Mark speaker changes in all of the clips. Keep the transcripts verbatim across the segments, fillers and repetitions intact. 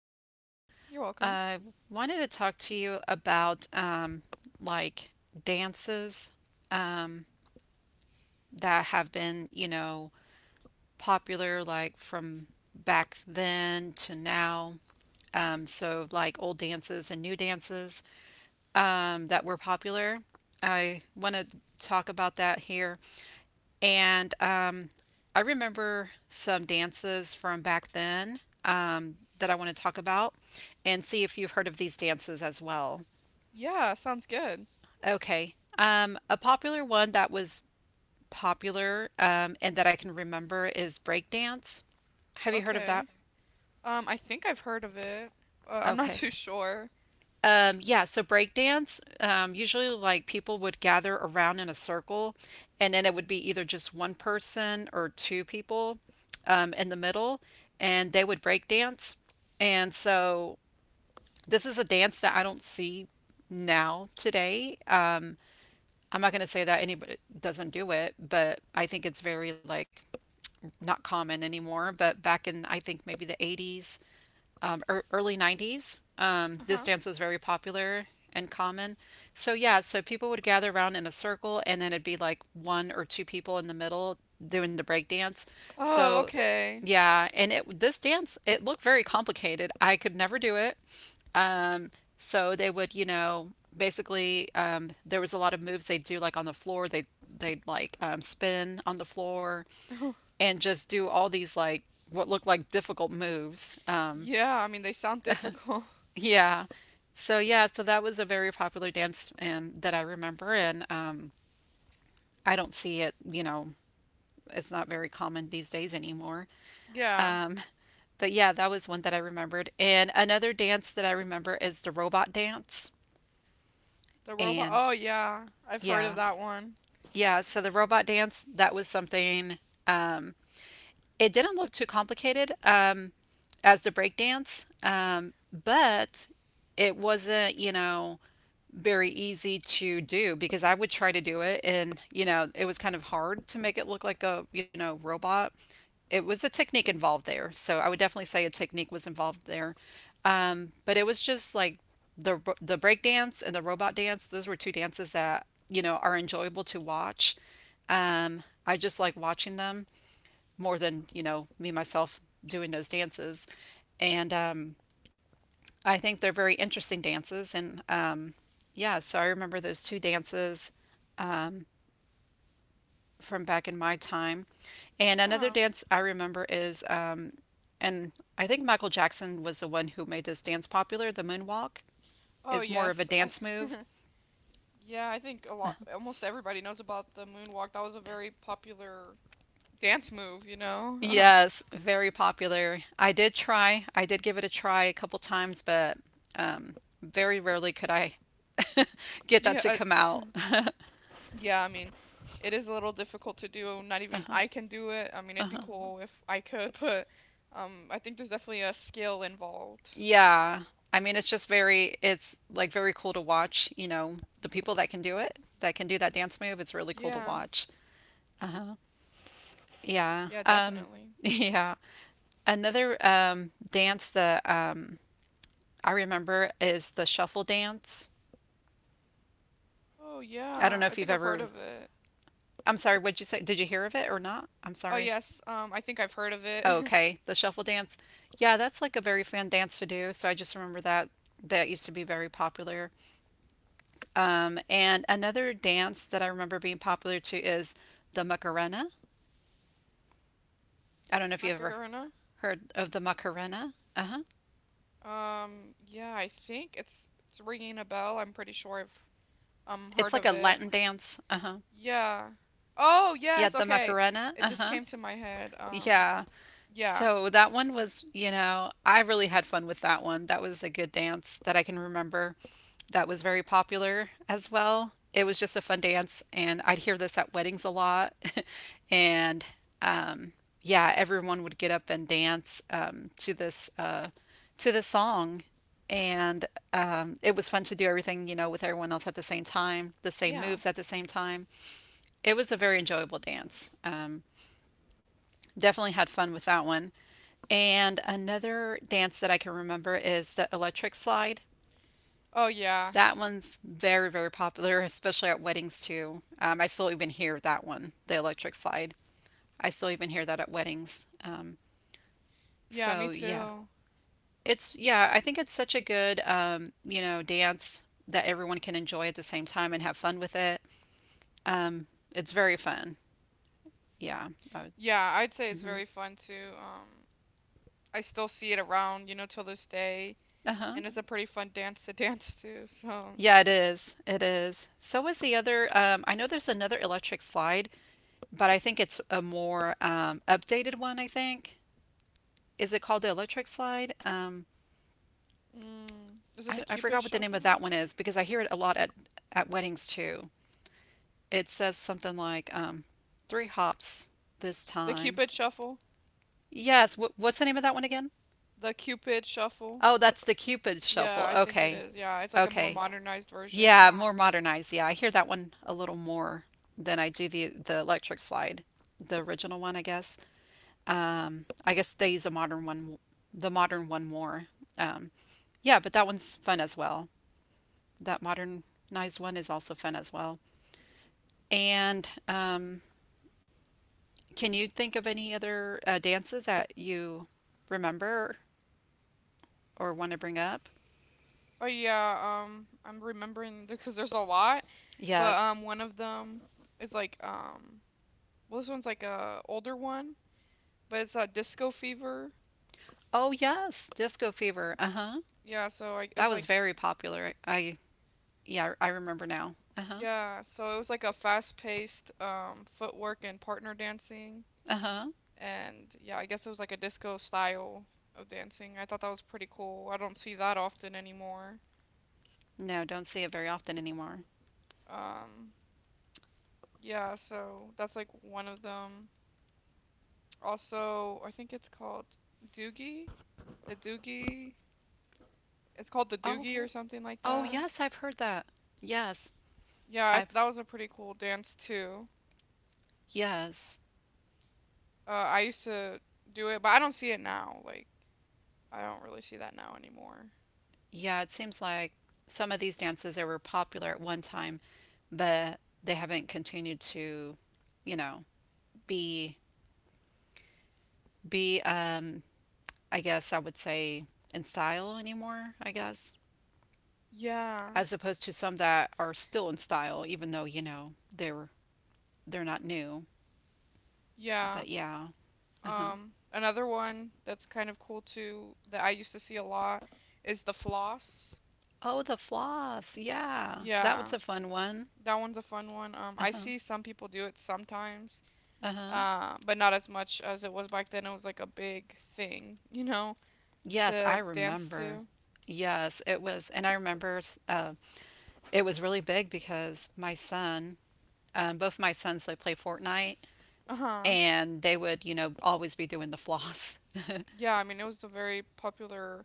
Speaker 1: asking.
Speaker 2: You're welcome.
Speaker 1: I wanted to talk to you about um, like dances that have been, you know, popular like from back then to now. Um, so like old dances and new dances, um, that were popular. I want to talk about that here. And um, I remember some dances from back then, um, that I want to talk about and see if you've heard of these dances as well.
Speaker 2: Yeah, sounds good.
Speaker 1: Okay. Um, a popular one that was popular, um, and that I can remember is breakdance. Have you heard of that?
Speaker 2: Okay. Um, I think I've heard of it. Uh, I'm not
Speaker 1: Okay.
Speaker 2: too sure.
Speaker 1: Um, yeah, so breakdance, um, usually like people would gather around in a circle, and then it would be either just one person or two people um, in the middle, and they would break dance. And so this is a dance that I don't see now today. Uh, I'm not going to say that anybody doesn't do it, but I think it's very like not common anymore. But back in, I think maybe the eighties, er, early nineties. Um, this
Speaker 2: Uh-huh.
Speaker 1: dance was very popular and common. So yeah, so people would gather around in a circle and then it'd be like one or two people in the middle doing the break dance.
Speaker 2: Oh,
Speaker 1: So
Speaker 2: okay.
Speaker 1: yeah, and it this dance it looked very complicated. I could never do it. So they would, you know, basically um, there was a lot of moves they'd do like on the floor. They they'd like um, spin on the floor and just do all these like what looked like difficult moves. Um,
Speaker 2: Yeah, I mean they sound difficult.
Speaker 1: Yeah. So yeah, so that was a very popular dance and that I remember, and um I don't see it, you know, it's not very common these days anymore.
Speaker 2: Yeah,
Speaker 1: But yeah, that was one that I remembered. And another dance that I remember is the robot dance.
Speaker 2: the robot.
Speaker 1: And
Speaker 2: Oh, yeah. I've heard of
Speaker 1: yeah.
Speaker 2: that one.
Speaker 1: Yeah, so the robot dance, that was something it didn't look too complicated um, as the breakdance, um, but it wasn't, you know, very easy to do because I would try to do it and, you know, it was kind of hard to make it look like a, you know, robot. It was a technique involved there. So I would definitely say a technique was involved there. Um, but it was just like the ro- the break dance and the robot dance, those were two dances that, you know, are enjoyable to watch. Um, I just like watching them more than you know me myself doing those dances, and um, I think they're very interesting dances. And um, yeah, so I remember those two dances from back in my time. And another
Speaker 2: Yeah.
Speaker 1: dance I remember is, um, and I think Michael Jackson was the one who made this dance popular. The moonwalk
Speaker 2: Oh,
Speaker 1: is more of a
Speaker 2: yes. I
Speaker 1: dance move.
Speaker 2: Yeah, I think a lot almost everybody knows about the moonwalk. That was a very popular dance move, you know. Uh-huh.
Speaker 1: Yes, very popular. I did try. I did give it a try a couple times, but um, very rarely could I get that
Speaker 2: Yeah,
Speaker 1: to
Speaker 2: uh,
Speaker 1: come out.
Speaker 2: yeah, I mean, it is a little difficult to do. Not even I can do it. I mean, it'd be Mhm. cool if I could, but um, I think there's definitely a skill involved.
Speaker 1: Yeah. I mean, it's just very, it's like very cool to watch, you know, the people that can do it, that can do that dance move. It's really cool to
Speaker 2: Yeah,
Speaker 1: watch. Yeah.
Speaker 2: yeah,
Speaker 1: Um,
Speaker 2: definitely.
Speaker 1: yeah. Another um, dance that um, I remember is the shuffle dance.
Speaker 2: Oh
Speaker 1: I don't
Speaker 2: yeah,
Speaker 1: know
Speaker 2: I
Speaker 1: if you've
Speaker 2: think I've heard
Speaker 1: ever,
Speaker 2: of it.
Speaker 1: I'm sorry, what'd you say? Did you hear of it or not? I'm
Speaker 2: Oh
Speaker 1: sorry.
Speaker 2: yes, um, I think I've heard of it.
Speaker 1: Oh, okay, the shuffle dance. Yeah, that's like a very fun dance to do. So I just remember that that used to be very popular. Um, and another dance that I remember being popular too is the Macarena. I don't know if you ever
Speaker 2: Macarena.
Speaker 1: heard of the Macarena. Uh huh.
Speaker 2: Um, yeah, I think it's it's ringing a bell. I'm pretty sure I've um
Speaker 1: It's
Speaker 2: heard
Speaker 1: like
Speaker 2: of
Speaker 1: a
Speaker 2: it.
Speaker 1: Latin dance. Uh huh.
Speaker 2: Yeah. Oh
Speaker 1: Yeah,
Speaker 2: yes,
Speaker 1: the
Speaker 2: okay.
Speaker 1: Macarena.
Speaker 2: It
Speaker 1: Uh
Speaker 2: just
Speaker 1: huh.
Speaker 2: came to my head. Um,
Speaker 1: Yeah.
Speaker 2: yeah,
Speaker 1: So that one was, you know, I really had fun with that one. That was a good dance that I can remember. That was very popular as well. It was just a fun dance, and I'd hear this at weddings a lot. And um, yeah, everyone would get up and dance um, to this uh, to this song. And um, it was fun to do everything, you know, with everyone else at the same time, the same
Speaker 2: yeah.
Speaker 1: moves at the same time. It was a very enjoyable dance. Um, Definitely had fun with that one. And another dance that I can remember is the electric slide.
Speaker 2: Oh yeah,
Speaker 1: That one's very, very popular, especially at weddings too. Um, I still even hear that one, the electric slide. I still even hear that at weddings. Um,
Speaker 2: yeah. Me
Speaker 1: so yeah,
Speaker 2: too.
Speaker 1: it's yeah. I think it's such a good um, you know dance that everyone can enjoy at the same time and have fun with it. Um, it's very fun. Yeah. Uh
Speaker 2: Yeah, I'd say it's very fun too. Um, I still see it around, you know, till this day,
Speaker 1: huh.
Speaker 2: and it's a pretty fun dance to dance to. So,
Speaker 1: Yeah, it is. It is. So is the other. Um, I know there's another electric slide, but I think it's a more um, updated one, I think. Is it called the electric slide? Um,
Speaker 2: mm, is it
Speaker 1: I,
Speaker 2: the
Speaker 1: I
Speaker 2: Cupid
Speaker 1: forgot what the name of
Speaker 2: Shuffle?
Speaker 1: that one is because I hear it a lot at, at weddings too. It says something like um, three hops this
Speaker 2: The
Speaker 1: time.
Speaker 2: Cupid Shuffle?
Speaker 1: Yes, wh what's the name of that one again?
Speaker 2: The Cupid Shuffle?
Speaker 1: Oh, that's the Cupid
Speaker 2: Yeah,
Speaker 1: shuffle.
Speaker 2: I think it
Speaker 1: Okay.
Speaker 2: is. Yeah, it's like a more
Speaker 1: Okay.
Speaker 2: modernized version.
Speaker 1: Yeah, more modernized. Yeah, I hear that one a little more than I do the the electric slide, the original one, I guess. Um, I guess they use a modern one, the modern one more. Um, yeah, but that one's fun as well. That modernized one is also fun as well. And um, can you think of any other uh, dances that you remember or want to bring up?
Speaker 2: Oh yeah, um, I'm remembering because there's a lot, but
Speaker 1: Yes.
Speaker 2: um, one of them is like um, well, this one's like a older one, but it's a Disco Fever.
Speaker 1: Oh, yes. Disco Fever. Uh-huh.
Speaker 2: Yeah, so I,
Speaker 1: That
Speaker 2: it's
Speaker 1: was
Speaker 2: like
Speaker 1: very popular. I yeah, I remember now. Uh-huh.
Speaker 2: yeah, so it was like a fast-paced um footwork and partner dancing
Speaker 1: Uh-huh.
Speaker 2: and yeah, I guess it was like a disco style of dancing. I thought that was pretty cool. I don't see that often anymore.
Speaker 1: No, don't see it very often anymore.
Speaker 2: Um yeah, so that's like one of them. Also, I think it's called Doogie. The Doogie. It's called the
Speaker 1: Oh,
Speaker 2: Doogie or something like
Speaker 1: oh
Speaker 2: that.
Speaker 1: yes, I've heard that. Yes,
Speaker 2: Yeah, I,
Speaker 1: I've
Speaker 2: that was a pretty cool dance too.
Speaker 1: yes.
Speaker 2: Uh I used to do it, but I don't see it now. Like I don't really see that now anymore.
Speaker 1: Yeah, it seems like some of these dances they were popular at one time, but they haven't continued to, you know, be be um I guess I would say, in style anymore, I guess.
Speaker 2: Yeah.
Speaker 1: As opposed to some that are still in style even though, you know, they're they're not new.
Speaker 2: Yeah.
Speaker 1: But yeah. Uh-huh.
Speaker 2: Um, another one that's kind of cool too that I used to see a lot is the floss.
Speaker 1: Oh, the floss. Yeah. That was
Speaker 2: Yeah,
Speaker 1: a fun one.
Speaker 2: that one's a fun one. Um, I
Speaker 1: Uh-huh.
Speaker 2: see some people do it sometimes,
Speaker 1: Uh-huh.
Speaker 2: uh, but not as much as it was back then. It was like a big thing, you know,
Speaker 1: Yes, I
Speaker 2: to dance
Speaker 1: remember.
Speaker 2: to.
Speaker 1: Yes, it was, and I remember s- uh, it was really big because my son, um, both my sons, they play Fortnite,
Speaker 2: Uh-huh.
Speaker 1: and they would, you know, always be doing the floss.
Speaker 2: Yeah, I mean, it was a very popular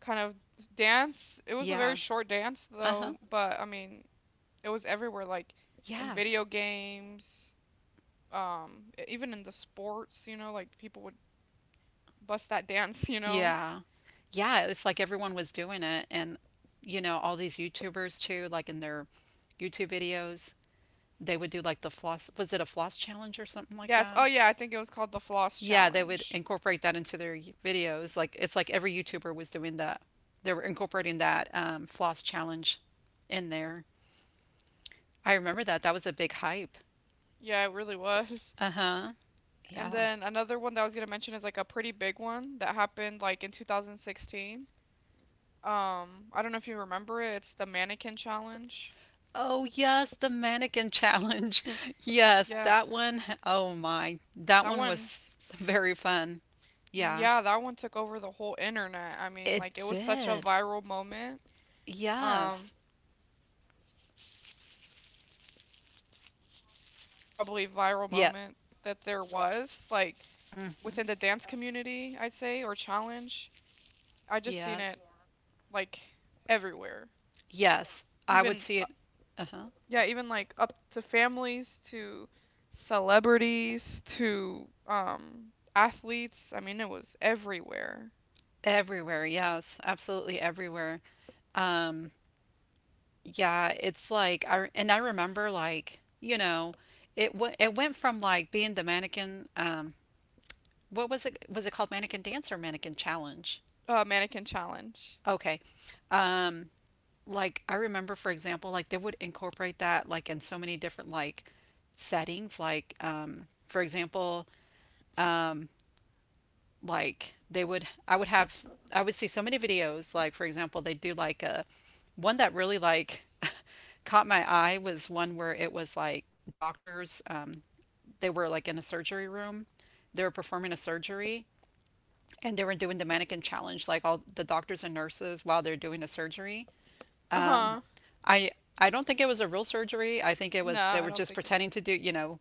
Speaker 2: kind of dance. It was a very
Speaker 1: Yeah.
Speaker 2: short dance
Speaker 1: Uh-huh.
Speaker 2: though, but I mean, it was everywhere, like in
Speaker 1: Yeah.
Speaker 2: video games, um e- even in the sports, you know, like people would bust that dance, you know.
Speaker 1: Yeah. Yeah, it's like everyone was doing it and you know, all these YouTubers too, like in their YouTube videos, they would do like the floss, was it a floss challenge or something like
Speaker 2: Yeah. Yes.
Speaker 1: that?
Speaker 2: Oh yeah, I think it was called the floss
Speaker 1: Yeah, they would
Speaker 2: challenge.
Speaker 1: incorporate that into their y- videos. Like it's like every YouTuber was doing that. They were incorporating that um, floss challenge in there. I remember that. That was a big hype.
Speaker 2: Yeah, it really was.
Speaker 1: Uh-huh.
Speaker 2: And
Speaker 1: Yeah.
Speaker 2: then another one that I was gonna mention is like a pretty big one that happened like in two thousand sixteen. Um, I don't know if you remember it. It's the mannequin challenge.
Speaker 1: Oh, yes, the mannequin challenge. Yes,
Speaker 2: Yeah,
Speaker 1: that one. Oh my. That
Speaker 2: that
Speaker 1: one
Speaker 2: one.
Speaker 1: was very fun. Yeah.
Speaker 2: Yeah, that one took over the whole internet. I mean,
Speaker 1: It
Speaker 2: like it was such a
Speaker 1: did.
Speaker 2: viral moment. Um,
Speaker 1: Yes.
Speaker 2: I think it's like for me it was like the most probably viral moment that
Speaker 1: Yeah.
Speaker 2: there was like within the dance community, I'd say, or challenge. I just seen it
Speaker 1: Yes.
Speaker 2: like everywhere.
Speaker 1: Yes. I would
Speaker 2: Even
Speaker 1: see
Speaker 2: uh,
Speaker 1: it. Uh-huh.
Speaker 2: yeah, even like up to families to celebrities to um athletes. I mean, it was everywhere.
Speaker 1: Everywhere, yes, absolutely everywhere. Um, Yeah, it's like I and I remember like, you know, it w it went from like being the mannequin um what was it was it called, mannequin dance or mannequin challenge?
Speaker 2: Uh, mannequin challenge.
Speaker 1: Okay. Um, like I remember for example like they would incorporate that like in so many different like settings like um for example like they would I would have I would see so many videos like for example they do like a one that really like caught my eye was one where it was like doctors, um, they were like in a surgery room, they were performing a surgery and they were doing the mannequin challenge like all the doctors and nurses while they're doing a surgery.
Speaker 2: Uh-huh.
Speaker 1: I I don't think it was a real surgery, I think it
Speaker 2: No,
Speaker 1: was they
Speaker 2: I
Speaker 1: were
Speaker 2: don't
Speaker 1: just
Speaker 2: think it.
Speaker 1: pretending to do, you know,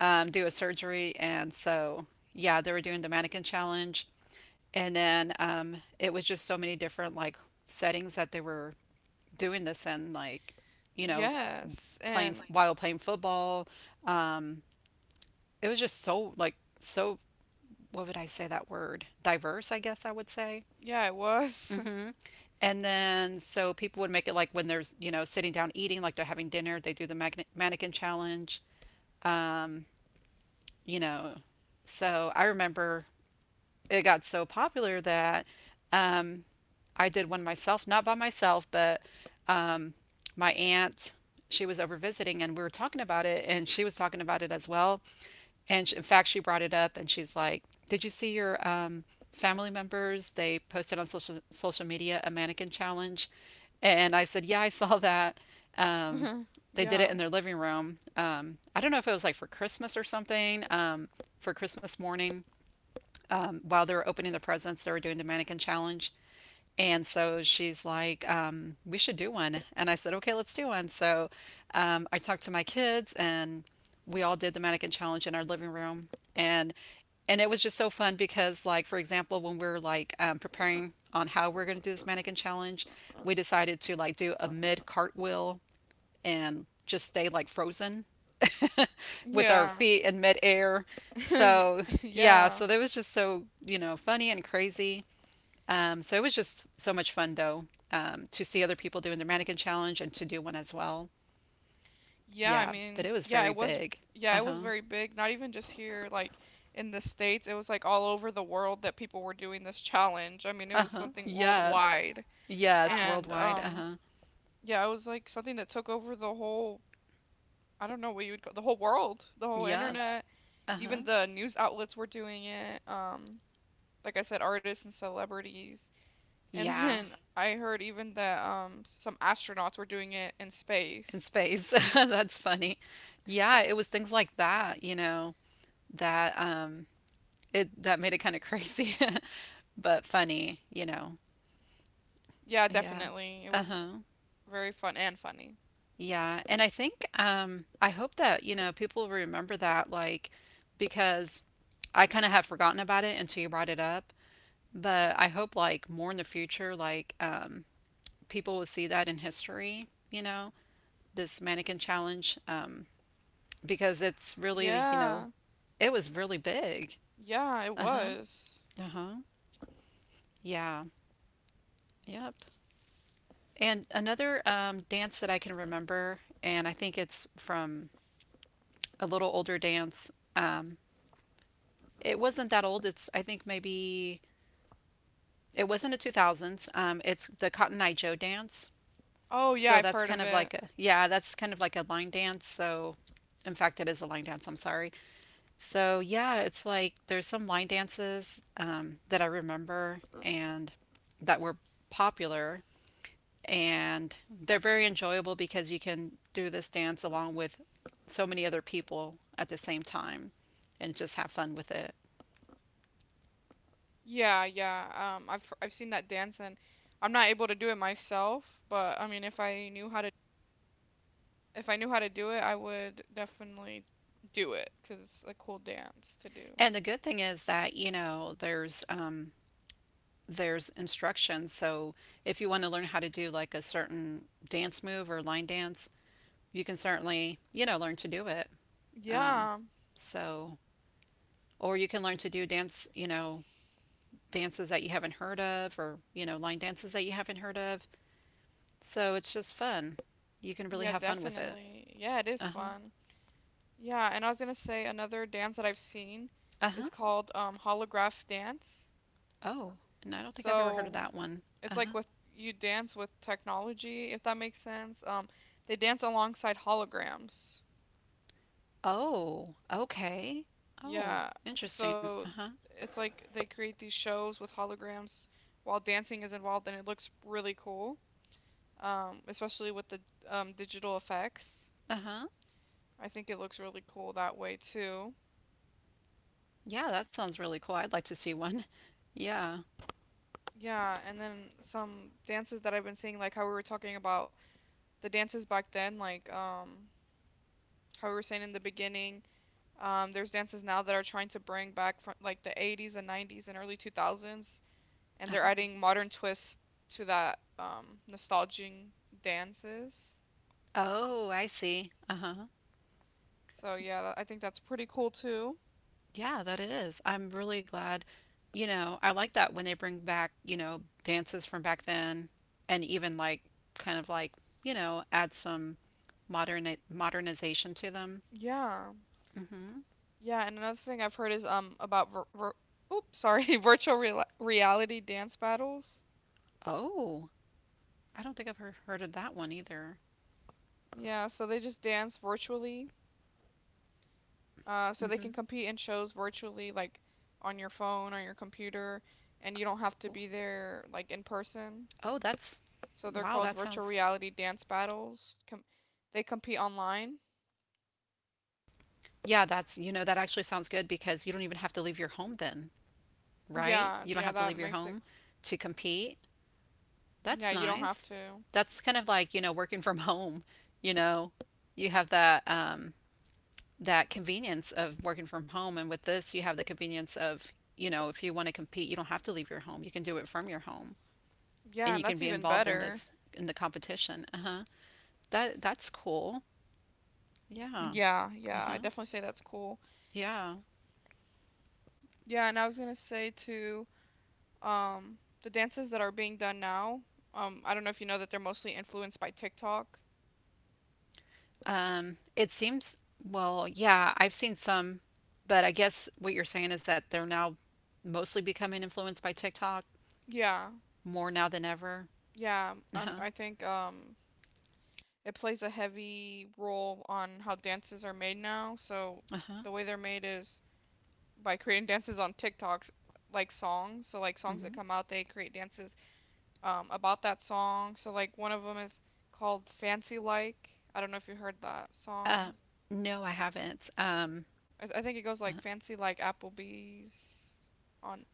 Speaker 1: um, do a surgery, and so yeah, they were doing the mannequin challenge, and then um, it was just so many different like settings that they were doing this in, like you know,
Speaker 2: Yes,
Speaker 1: playing
Speaker 2: and
Speaker 1: while playing football. It was just so like so what would I say that word? Diverse, I guess I would say.
Speaker 2: yeah, it was.
Speaker 1: And then so people would make it like when there's, you know, sitting down eating, like they're having dinner, they do the magnet mannequin challenge, you know. So I remember it got so popular that um, I did one myself, not by myself, but um, my aunt, she was over visiting and we were talking about it and she was talking about it as well. And she, in fact, she brought it up and she's like, did you see your um, family members? They posted on social, social media a mannequin challenge. And I said, yeah, I saw that. Um, they did it
Speaker 2: Yeah.
Speaker 1: in their living room. Um, I don't know if it was like for Christmas or something, um, for Christmas morning um, while they were opening the presents, they were doing the mannequin challenge. And so she's like, um, we should do one. And I said, okay, let's do one. So um, I talked to my kids and we all did the mannequin challenge in our living room. And and it was just so fun because, like, for example, when we were like um, preparing on how we're going to do this mannequin challenge, we decided to like do a mid cartwheel and just stay like frozen with our
Speaker 2: Yeah.
Speaker 1: feet in midair.
Speaker 2: Y-
Speaker 1: So yeah,
Speaker 2: Yeah.
Speaker 1: so that was just so, you know, funny and crazy. Um, so it was just so much fun though, um, to see other people doing the mannequin challenge and to do one as well.
Speaker 2: Yeah, I
Speaker 1: Yeah, but
Speaker 2: mean,
Speaker 1: it was
Speaker 2: yeah,
Speaker 1: very
Speaker 2: it was
Speaker 1: big.
Speaker 2: yeah, it was
Speaker 1: Uh-huh.
Speaker 2: very big. Not even just here like in the States, it was like all over the world that people were doing this challenge. I mean, it was
Speaker 1: Uh-huh.
Speaker 2: something
Speaker 1: Yes.
Speaker 2: worldwide.
Speaker 1: Yes,
Speaker 2: And
Speaker 1: worldwide.
Speaker 2: um
Speaker 1: Uh-huh.
Speaker 2: yeah, it was like something that took over the whole I don't know what you would call the whole world, the whole
Speaker 1: Yes.
Speaker 2: internet. Even
Speaker 1: Uh-huh.
Speaker 2: the news outlets were doing it. Um like I said, artists and celebrities. And
Speaker 1: Yeah,
Speaker 2: then I heard even that um some astronauts were doing it in
Speaker 1: in
Speaker 2: space.
Speaker 1: space. That's funny. Yeah, it was things like that, you know, that um it that made it kind of crazy, but funny, you know.
Speaker 2: Yeah,
Speaker 1: Yeah.
Speaker 2: definitely. It was
Speaker 1: Uh-huh.
Speaker 2: very fun and funny.
Speaker 1: Yeah. And I think um I hope that, you know, people remember that, like, because I kind of had forgotten about it until you brought it up, but I hope like more in the future like um people will see that in history, you know, this mannequin challenge um because it's really, you know,
Speaker 2: Yeah.
Speaker 1: it was really big.
Speaker 2: Yeah, it was.
Speaker 1: Uh-huh. Yeah. Yep. And another um, dance that I can remember, and I think it's from a little older dance. Um, it wasn't that old. It's, I think, maybe it was not the two thousands. Um, it's the Cotton Eye Joe dance.
Speaker 2: Oh, yeah,
Speaker 1: So
Speaker 2: I've
Speaker 1: that's
Speaker 2: heard of
Speaker 1: kind of
Speaker 2: it.
Speaker 1: like a, yeah, that's kind of like a line dance. So, in fact, it is a line dance. I'm sorry. So yeah, it's like there's some line dances um, that I remember and that were popular, and they're very enjoyable because you can do this dance along with so many other people at the same time and just have fun with it.
Speaker 2: Yeah, yeah. Um, I've I've seen that dance and I'm not able to do it myself, but I mean, if I knew how to if I knew how to do it, I would definitely do it 'cause it's a cool dance to do.
Speaker 1: And the good thing is that, you know, there's um there's instructions. So if you want to learn how to do like a certain dance move or line dance, you can certainly, you know, learn to do it. Um
Speaker 2: Yeah.
Speaker 1: so or you can learn to do dance, you know, dances that you haven't heard of, or, you know, line dances that you haven't heard of. So it's just fun. You can really
Speaker 2: Yeah,
Speaker 1: have fun with it.
Speaker 2: definitely. Yeah, it is
Speaker 1: Uh-huh.
Speaker 2: fun. Yeah, and I was gonna say another dance that I've seen is
Speaker 1: Uh-huh.
Speaker 2: called um holograph dance.
Speaker 1: Oh, and I don't think I've ever heard of
Speaker 2: So
Speaker 1: that one.
Speaker 2: it's like
Speaker 1: Uh-huh.
Speaker 2: with you dance with technology, if that makes sense. Um, they dance alongside holograms.
Speaker 1: Oh, okay. Oh,
Speaker 2: Yeah.
Speaker 1: interesting.
Speaker 2: So
Speaker 1: Uh-huh.
Speaker 2: it's like they create these shows with holograms while dancing is involved, and it looks really cool. Um, especially with the um, digital effects.
Speaker 1: Uh-huh.
Speaker 2: I think it looks really cool that way too.
Speaker 1: Yeah, that sounds really cool. I'd like to see one. Yeah.
Speaker 2: Yeah, and then some dances that I've been seeing, like how we were talking about the dances back then, like um how we were saying in the beginning, um, there's dances now that are trying to bring back from like the eighties and nineties and early two thousands, and they're
Speaker 1: Uh-huh.
Speaker 2: adding modern twists to that um, nostalgic dances.
Speaker 1: Oh, I see. Uh-huh.
Speaker 2: So yeah, tha- I think that's pretty cool too.
Speaker 1: Yeah, that is. I'm really glad. You know, I like that when they bring back, you know, dances from back then and even like kind of like, you know, add some modern modernization to them.
Speaker 2: Yeah,
Speaker 1: Mhm.
Speaker 2: yeah. And another thing I've heard is um about vir vir oops, sorry, virtual real reality dance battles.
Speaker 1: Oh, I don't think I've heard, heard of that one either.
Speaker 2: Yeah, so they just dance virtually. Uh, so they can
Speaker 1: Mhm.
Speaker 2: compete in shows virtually, like on your phone, on your computer, and you don't have to be there like in person.
Speaker 1: Oh, that's,
Speaker 2: So they're
Speaker 1: wow,
Speaker 2: called
Speaker 1: that
Speaker 2: virtual
Speaker 1: sounds,
Speaker 2: reality dance battles. Com- they compete online.
Speaker 1: yeah, that's, you know, that actually sounds good because you don't even have to leave your home then. Right?
Speaker 2: Yeah,
Speaker 1: You don't
Speaker 2: yeah,
Speaker 1: have to
Speaker 2: that
Speaker 1: leave your
Speaker 2: makes it.
Speaker 1: home to compete.
Speaker 2: Yeah,
Speaker 1: That's
Speaker 2: you don't have
Speaker 1: nice.
Speaker 2: to.
Speaker 1: That's kind of like, you know, working from home, you know. You have that um that convenience of working from home, and with this you have the convenience of, you know, if you want to compete, you don't have to leave your home. You can do it from your home,
Speaker 2: Yeah,
Speaker 1: and
Speaker 2: and
Speaker 1: you can
Speaker 2: that's
Speaker 1: be
Speaker 2: even
Speaker 1: involved in
Speaker 2: better.
Speaker 1: this, in the competition. Uh-huh. That that's cool. Yeah.
Speaker 2: Yeah, yeah, I
Speaker 1: Uh-huh.
Speaker 2: definitely say that's cool.
Speaker 1: Yeah.
Speaker 2: Yeah, and I was gonna say too, um, the dances that are being done now, um, I don't know if you know that they're mostly influenced by TikTok.
Speaker 1: Um, it seems, well, yeah, I've seen some, but I guess what you're saying is that they're now mostly becoming influenced by TikTok
Speaker 2: Yeah,
Speaker 1: more now than ever.
Speaker 2: yeah, I'm,
Speaker 1: Uh-huh.
Speaker 2: I think um, it plays a heavy role on how dances are made now. So
Speaker 1: Uh-huh.
Speaker 2: the way they're made is by creating dances on TikToks like songs. So like songs that
Speaker 1: Hmm.
Speaker 2: come out, they create dances um about that song. So like one of them is called Fancy Like. I don't know if you heard that song.
Speaker 1: Uh, no, I haven't. Um,
Speaker 2: I, I think it goes like Fancy Like Applebee's on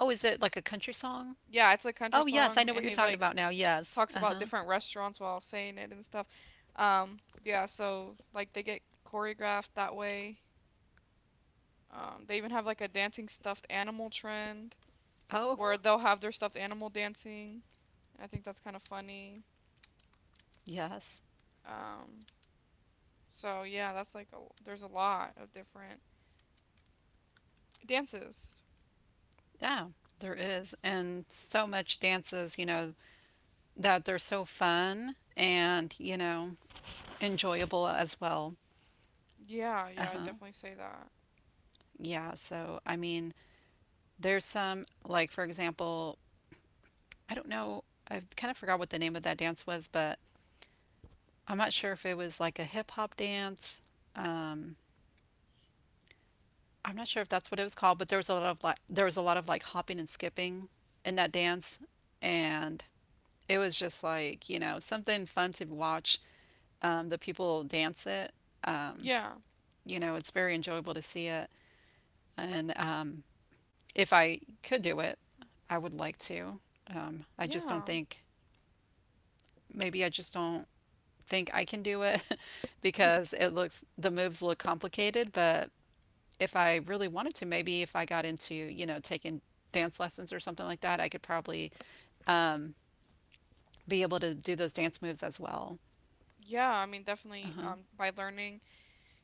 Speaker 1: oh, is it like a country song?
Speaker 2: yeah, it's a country
Speaker 1: Oh, yes, I
Speaker 2: song
Speaker 1: know what
Speaker 2: and
Speaker 1: you're
Speaker 2: he
Speaker 1: talking
Speaker 2: like
Speaker 1: about now. Yes.
Speaker 2: talks about
Speaker 1: Uh-huh.
Speaker 2: different restaurants while saying it and stuff. Um yeah, so like they get choreographed that way. Um, they even have like a dancing stuffed animal trend
Speaker 1: Oh,
Speaker 2: where they'll have their stuffed animal dancing. I think that's kind of funny.
Speaker 1: yes.
Speaker 2: Um, so yeah, that's like a, there's a lot of different dances.
Speaker 1: Yeah, there is. And so much dances, you know, that they're so fun and, you know, enjoyable as well.
Speaker 2: Yeah,
Speaker 1: Uh
Speaker 2: yeah, I
Speaker 1: huh.
Speaker 2: definitely say that.
Speaker 1: Yeah, so I mean, there's some, like for example, I don't know, I kind of forgot what the name of that dance was, but I'm not sure if it was like a hip hop dance. Um, I'm not sure if that's what it was called, but there was a lot of like, there was a lot of like hopping and skipping in that dance, and it was just like, you know, something fun to watch. Um, the people dance it,
Speaker 2: Yeah,
Speaker 1: you know, it's very enjoyable to see it. And um, if I could do it, I would like to. Um, I just don't
Speaker 2: yeah,
Speaker 1: think, maybe I just don't think I can do it because it looks, the moves look complicated, but if I really wanted to, maybe if I got into, you know, taking dance lessons or something like that, I could probably be able to do those dance moves as well.
Speaker 2: yeah. I mean, definitely. Um, by learning,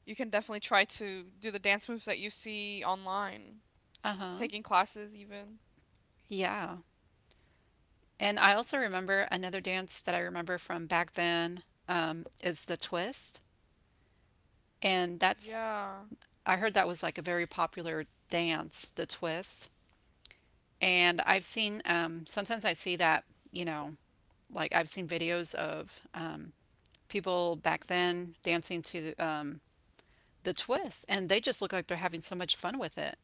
Speaker 2: you can definitely try to do the dance moves that you see online,
Speaker 1: Uh-huh.
Speaker 2: taking classes even.
Speaker 1: Yeah. And I also remember another dance that I remember from back then um, is the twist. And that's,
Speaker 2: Yeah,
Speaker 1: I heard that was like a very popular dance, the twist. And I've seen um, sometimes I see that, you know, like I've seen videos of um, people back then dancing to um, the twist, and they just look like they're having so much fun with it.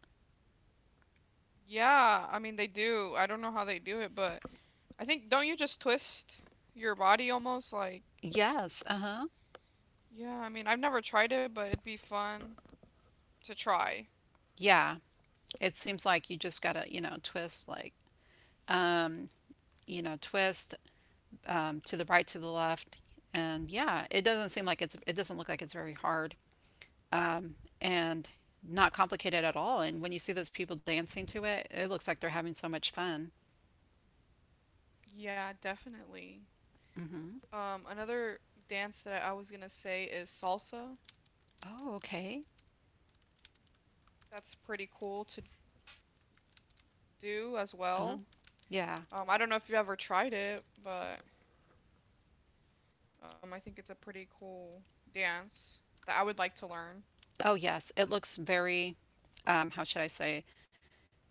Speaker 2: yeah. I mean, they do. I don't know how they do it, but I think don't you just twist your body almost like?
Speaker 1: Yes, uh-huh.
Speaker 2: Yeah, I mean, I've never tried it, but it'd be fun to try.
Speaker 1: Yeah. It seems like you just gotta, you know, twist like, you know, twist um, to the right, to the left, and yeah, it doesn't seem like it's, it doesn't look like it's very hard, um, and not complicated at all. And when you see those people dancing to it, it looks like they're having so much fun.
Speaker 2: Yeah, definitely.
Speaker 1: Mm-hmm.
Speaker 2: Um, another dance that I was gonna say is salsa.
Speaker 1: Oh, okay.
Speaker 2: That's pretty cool to do as
Speaker 1: uh huh.
Speaker 2: well.
Speaker 1: Yeah.
Speaker 2: Um, I don't know if you've ever tried it, but um, I think it's a pretty cool dance that I would like to learn.
Speaker 1: Oh, yes. It looks very, um, how should I say?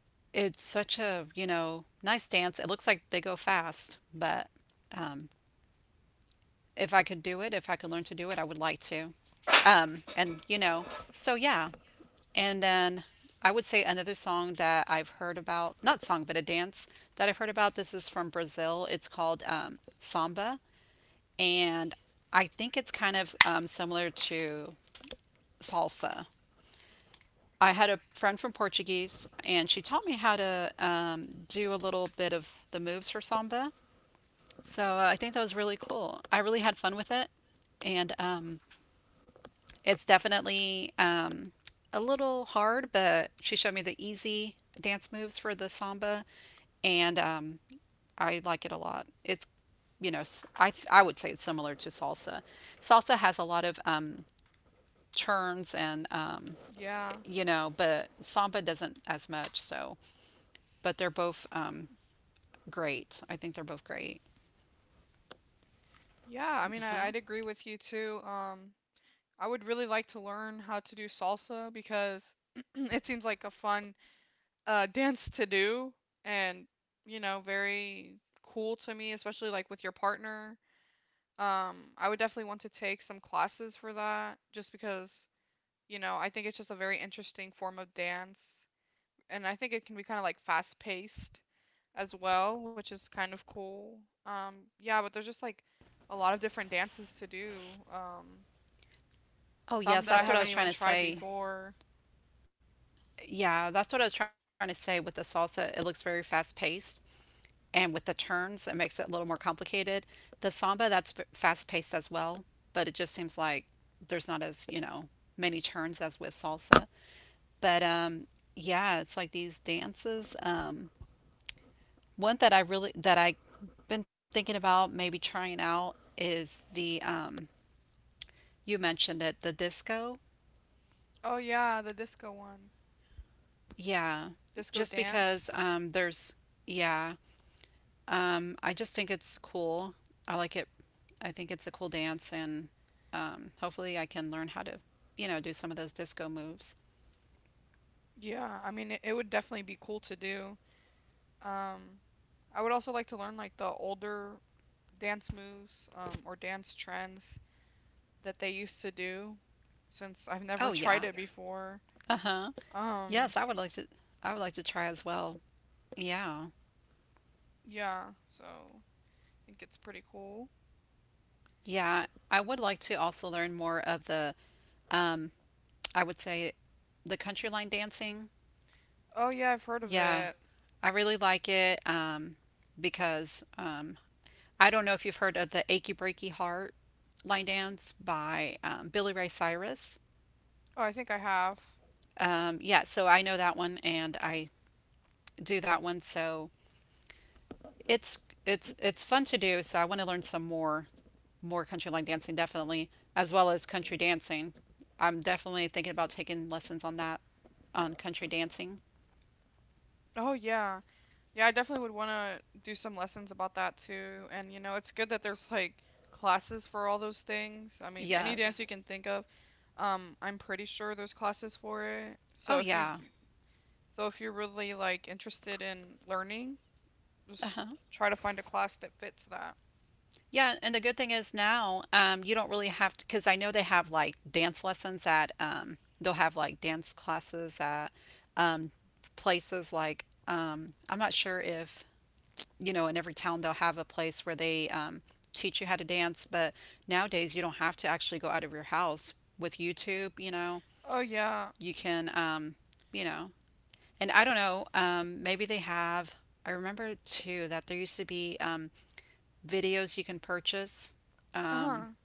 Speaker 1: It's such a, you know, nice dance. It looks like they go fast, but if I could do it, if I could learn to do it, I would like to. Um, and, you know, so yeah. And then I would say another song that I've heard about, not song, but a dance that I've heard about. This is from Brazil. It's called um, samba. And I think it's kind of um, similar to salsa. I had a friend from Portuguese, and she taught me how to um, do a little bit of the moves for samba. So uh, I think that was really cool. I really had fun with it, and um, it's definitely um, a little hard, but she showed me the easy dance moves for the samba, and um, I like it a lot. It's, you know, s- I th- I would say it's similar to salsa. Salsa has a lot of um, turns and um,
Speaker 2: Yeah,
Speaker 1: you know, but samba doesn't as much. So, but they're both um, great. I think they're both great.
Speaker 2: yeah. I mean, I,
Speaker 1: Uh-huh.
Speaker 2: I'd agree with you too. Um, I would really like to learn how to do salsa because it seems like a fun uh, dance to do, and you know, very cool to me, especially like with your partner. Um, I would definitely want to take some classes for that just because, you know, I think it's just a very interesting form of dance. And I think it can be kind of like fast paced as well, which is kind of cool. Um, yeah, but there's just like a lot of different dances to do. Um,
Speaker 1: Oh,
Speaker 2: some
Speaker 1: yes,
Speaker 2: that I
Speaker 1: that's what I
Speaker 2: haven't
Speaker 1: was trying
Speaker 2: even
Speaker 1: to
Speaker 2: tried trying
Speaker 1: say.
Speaker 2: before.
Speaker 1: Yeah, that's what I was trying to say with the salsa. It looks very fast paced, and with the turns, it makes it a little more complicated. The samba, that's fast paced as well, but it just seems like there's not as, you know, many turns as with salsa. But um, yeah, it's like these dances. Um, one that I really that I been thinking about maybe trying out is the um, you mentioned it, the disco.
Speaker 2: Oh, yeah, the disco one.
Speaker 1: Yeah,
Speaker 2: Disco
Speaker 1: just because
Speaker 2: dance.
Speaker 1: um, there's, yeah, um, I just think it's cool. I like it. I think it's a cool dance, and um, hopefully, I can learn how to, you know, do some of those disco moves.
Speaker 2: Yeah, I mean, it, it would definitely be cool to do. Um, I would also like to learn like the older dance moves um, or dance trends that they used to do since I've never
Speaker 1: Oh
Speaker 2: tried
Speaker 1: yeah.
Speaker 2: it before.
Speaker 1: Uh-huh.
Speaker 2: Um,
Speaker 1: Yes, I would like to. I would like to try as well. Yeah,
Speaker 2: yeah, so I think it's pretty cool.
Speaker 1: yeah. I would like to also learn more of the. Um, I would say, the country line dancing.
Speaker 2: Oh, yeah, I've heard of
Speaker 1: Yeah,
Speaker 2: it.
Speaker 1: I really like it um, because um, I don't know if you've heard of the Achy Breaky Heart line dance by um, Billy Ray Cyrus.
Speaker 2: Oh, I think I have.
Speaker 1: Um, yeah, so I know that one, and I do that one. So it's, it's it's fun to do. So I want to learn some more more country line dancing definitely, as well as country dancing. I'm definitely thinking about taking lessons on that, on country dancing.
Speaker 2: Oh, yeah. Yeah, I definitely would want to do some lessons about that too. And, you know, it's good that there's like classes for all those things. I mean, any dance
Speaker 1: Yes.
Speaker 2: you can think of, um, I'm pretty sure there's classes for it. So
Speaker 1: Oh
Speaker 2: if you,
Speaker 1: yeah.
Speaker 2: so if you're really like interested in learning,
Speaker 1: Uh huh.
Speaker 2: just try to find a class that fits that.
Speaker 1: Yeah, and the good thing is now, um, you don't really have to, because I know they have like dance lessons at, um, they'll have like dance classes at um, places like, um, I'm not sure if, you know, in every town they'll have a place where they um, teach you how to dance, but nowadays you don't have to actually go out of your house with YouTube, you know,
Speaker 2: Oh yeah.
Speaker 1: you can, um, you know, and I don't know, um, maybe they have, I remember too that there used to be um, videos you can purchase,
Speaker 2: Uh-huh.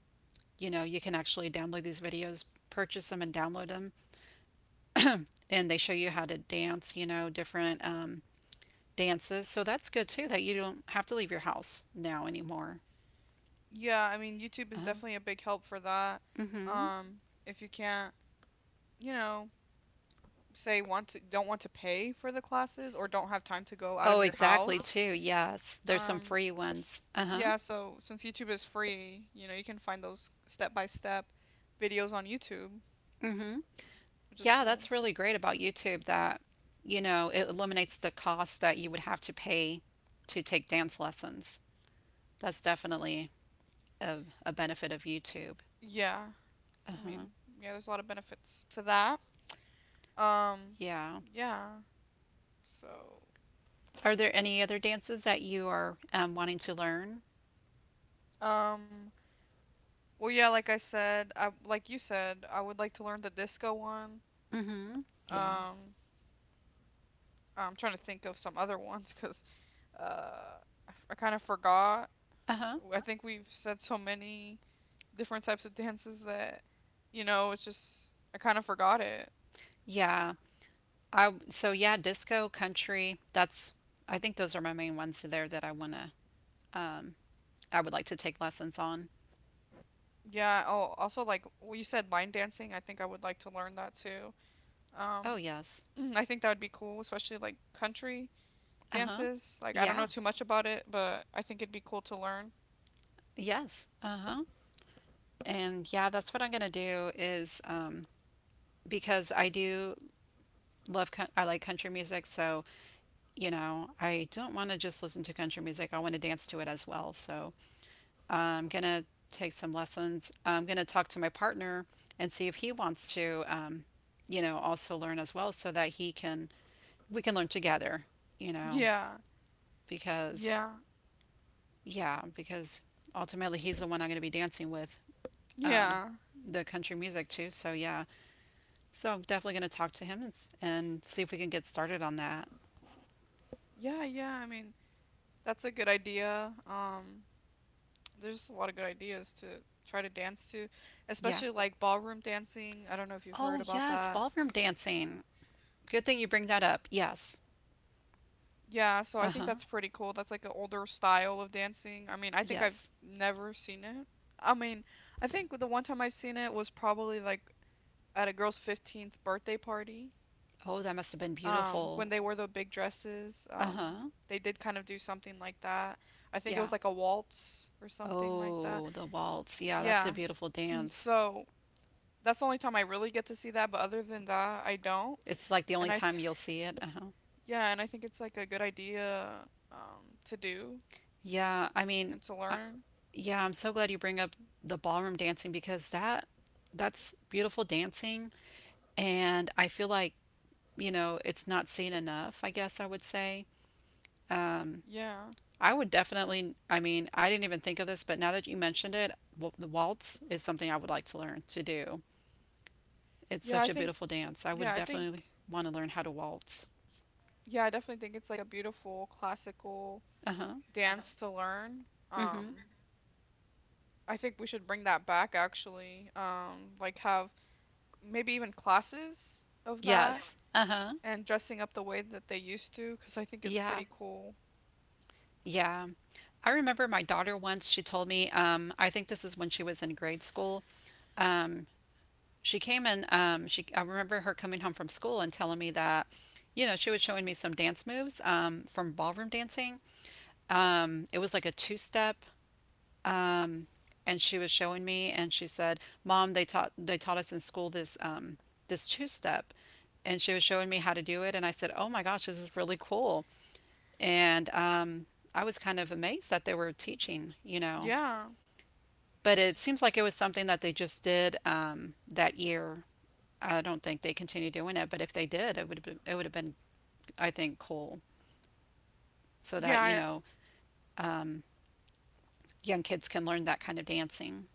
Speaker 1: you know, you can actually download these videos, purchase them and download them, and they show you how to dance, you know, different um, dances. So that's good too that you don't have to leave your house now anymore.
Speaker 2: Yeah, I mean YouTube is
Speaker 1: Uh-huh.
Speaker 2: definitely a big help for that.
Speaker 1: Mhm.
Speaker 2: Um, if you can't, you know, say want to don't want to pay for the classes or don't have time to go out
Speaker 1: Oh,
Speaker 2: of your
Speaker 1: exactly
Speaker 2: house.
Speaker 1: too. Yes. There's some
Speaker 2: Um,
Speaker 1: free ones. Uh-huh.
Speaker 2: yeah, so since YouTube is free, you know, you can find those step-by-step videos on YouTube,
Speaker 1: Mhm.
Speaker 2: which is
Speaker 1: Yeah,
Speaker 2: cool.
Speaker 1: that's really great about YouTube that, you know, it eliminates the cost that you would have to pay to take dance lessons. That's definitely a, a benefit of YouTube.
Speaker 2: Yeah. I
Speaker 1: Uh-huh.
Speaker 2: mean, yeah, there's a lot of benefits to that. Um,
Speaker 1: Yeah.
Speaker 2: yeah. So,
Speaker 1: Are there any other dances that you are um, wanting to learn?
Speaker 2: um, well, yeah, like I said, I like you said, I would like to learn the disco one.
Speaker 1: Mm-hmm. Yeah.
Speaker 2: Um, I'm trying to think of some other ones because uh, I, f- I kind of forgot.
Speaker 1: Uh-huh.
Speaker 2: I think we've said so many different types of dances that, you know, it's just I kind of forgot it.
Speaker 1: Yeah. I so yeah, disco, country. That's, I think those are my main ones there that I wanna um I would like to take lessons on.
Speaker 2: Yeah. Oh, also like well, you said line dancing. I think I would like to learn that too.
Speaker 1: Oh
Speaker 2: Um,
Speaker 1: yes.
Speaker 2: I think that would be cool, especially like country
Speaker 1: Uh-huh.
Speaker 2: dances. Like I don't know
Speaker 1: Yeah.
Speaker 2: too much about it, but I think it'd be cool to learn.
Speaker 1: Yes. Uh-huh. And yeah, that's what I'm gonna do is, um because I do love coun- I like country music, so, you know, I don't want to just listen to country music. I want to dance to it as well. So I'm gonna take some lessons. I'm gonna talk to my partner and see if he wants to, um, you know, also learn as well, so that he can, we can learn together, you know,
Speaker 2: Yeah.
Speaker 1: because
Speaker 2: Yeah.
Speaker 1: yeah, because ultimately he's the one I'm gonna be dancing with, um,
Speaker 2: Yeah.
Speaker 1: the country music too. So yeah, so I'm definitely gonna talk to him and, s- and see if we can get started on that.
Speaker 2: Yeah, yeah. I mean, that's a good idea. Um, there's just a lot of good ideas to try to dance to,
Speaker 1: Yeah.
Speaker 2: especially like ballroom dancing. I don't know if you've
Speaker 1: Oh
Speaker 2: heard about
Speaker 1: yes,
Speaker 2: that.
Speaker 1: ballroom dancing. Good thing you bring that up. Yes.
Speaker 2: Yeah, so I
Speaker 1: Uh
Speaker 2: think
Speaker 1: huh.
Speaker 2: that's pretty cool. That's like an older style of dancing. I mean, I think I've
Speaker 1: Yes.
Speaker 2: never seen it. I mean, I think the one time I've seen it was probably like at a girl's fifteenth birthday party.
Speaker 1: Oh, that must have been
Speaker 2: Um,
Speaker 1: beautiful.
Speaker 2: when they wore the big dresses,
Speaker 1: Uh
Speaker 2: um,
Speaker 1: huh.
Speaker 2: they did kind of do something like that. I think it
Speaker 1: Yeah.
Speaker 2: was like a waltz or something like that.
Speaker 1: Oh, the waltz. Yeah, that's a
Speaker 2: Yeah,
Speaker 1: beautiful dance.
Speaker 2: so that's the only time I really get to see that, but other than that, I don't.
Speaker 1: It's like the
Speaker 2: And
Speaker 1: only
Speaker 2: I, th
Speaker 1: time you'll see it. Uh-huh.
Speaker 2: yeah, and I think it's like a good idea um to do
Speaker 1: Yeah, I mean,
Speaker 2: and to
Speaker 1: uh,
Speaker 2: learn.
Speaker 1: yeah, I'm so glad you bring up the ballroom dancing because that that's beautiful dancing and I feel like, you know, it's not seen enough, I guess I would say.
Speaker 2: Yeah.
Speaker 1: I would definitely, I mean, I didn't even think of this, but now that you mentioned it, w the waltz is something I would like to learn to do. It's
Speaker 2: Yeah,
Speaker 1: such
Speaker 2: I
Speaker 1: a
Speaker 2: think
Speaker 1: beautiful dance. I would
Speaker 2: yeah, I think
Speaker 1: definitely want to learn how to waltz.
Speaker 2: yeah, I definitely think it's like a beautiful classical Uh-huh.
Speaker 1: Uh-huh.
Speaker 2: dance to learn. Um I think we should bring that back actually. Um like have maybe even classes of that
Speaker 1: Yes. Uh-huh.
Speaker 2: and dressing up the way that they used to, 'cause I think it's
Speaker 1: Yeah.
Speaker 2: pretty cool.
Speaker 1: Yeah. I remember my daughter once, she told me, um, I think this is when she was in grade school. Um, she came and um, she, I remember her coming home from school and telling me that, you know, she was showing me some dance moves um, from ballroom dancing. Um, it was like a two-step, and she was showing me, and she said, "Mom, they taught they taught us in school this um, this two-step." And she was showing me how to do it, and I said, "Oh my gosh, this is really cool." And um, I was kind of amazed that they were teaching, you know.
Speaker 2: Yeah.
Speaker 1: But it seems like it was something that they just did, um, that year. I don't think they continue doing it, but if they did, it would have been, it would have been, I think, cool so that, you
Speaker 2: Yeah,
Speaker 1: know, young kids can learn that kind of dancing.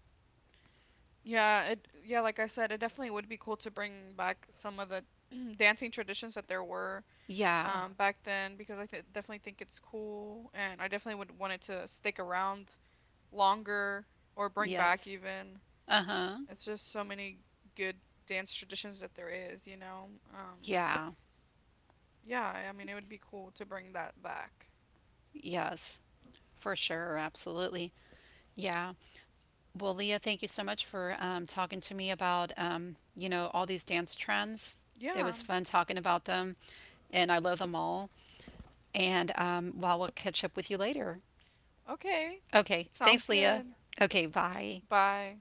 Speaker 2: Yeah, it yeah, like I said, it definitely would be cool to bring back some of the dancing traditions that there were
Speaker 1: Yeah.
Speaker 2: Yeah. um back then because I th definitely think it's cool and I definitely would want it to stick around longer or bring Yeah. back
Speaker 1: Yes.
Speaker 2: even.
Speaker 1: Uh-huh.
Speaker 2: It's just so many good dance traditions that there is, you know. Um
Speaker 1: Yeah.
Speaker 2: yeah, I I mean it would be cool to bring that back.
Speaker 1: Yes. For sure. Absolutely. Yeah. Well, Leah, thank you so much for um, talking to me about, um, you know, all these dance trends. It
Speaker 2: Yeah.
Speaker 1: was fun talking about them, and I love them all. And um, well, we'll catch up with you later.
Speaker 2: Okay.
Speaker 1: Okay,
Speaker 2: Sounds
Speaker 1: thanks, Leah.
Speaker 2: good.
Speaker 1: Okay, bye.
Speaker 2: Bye.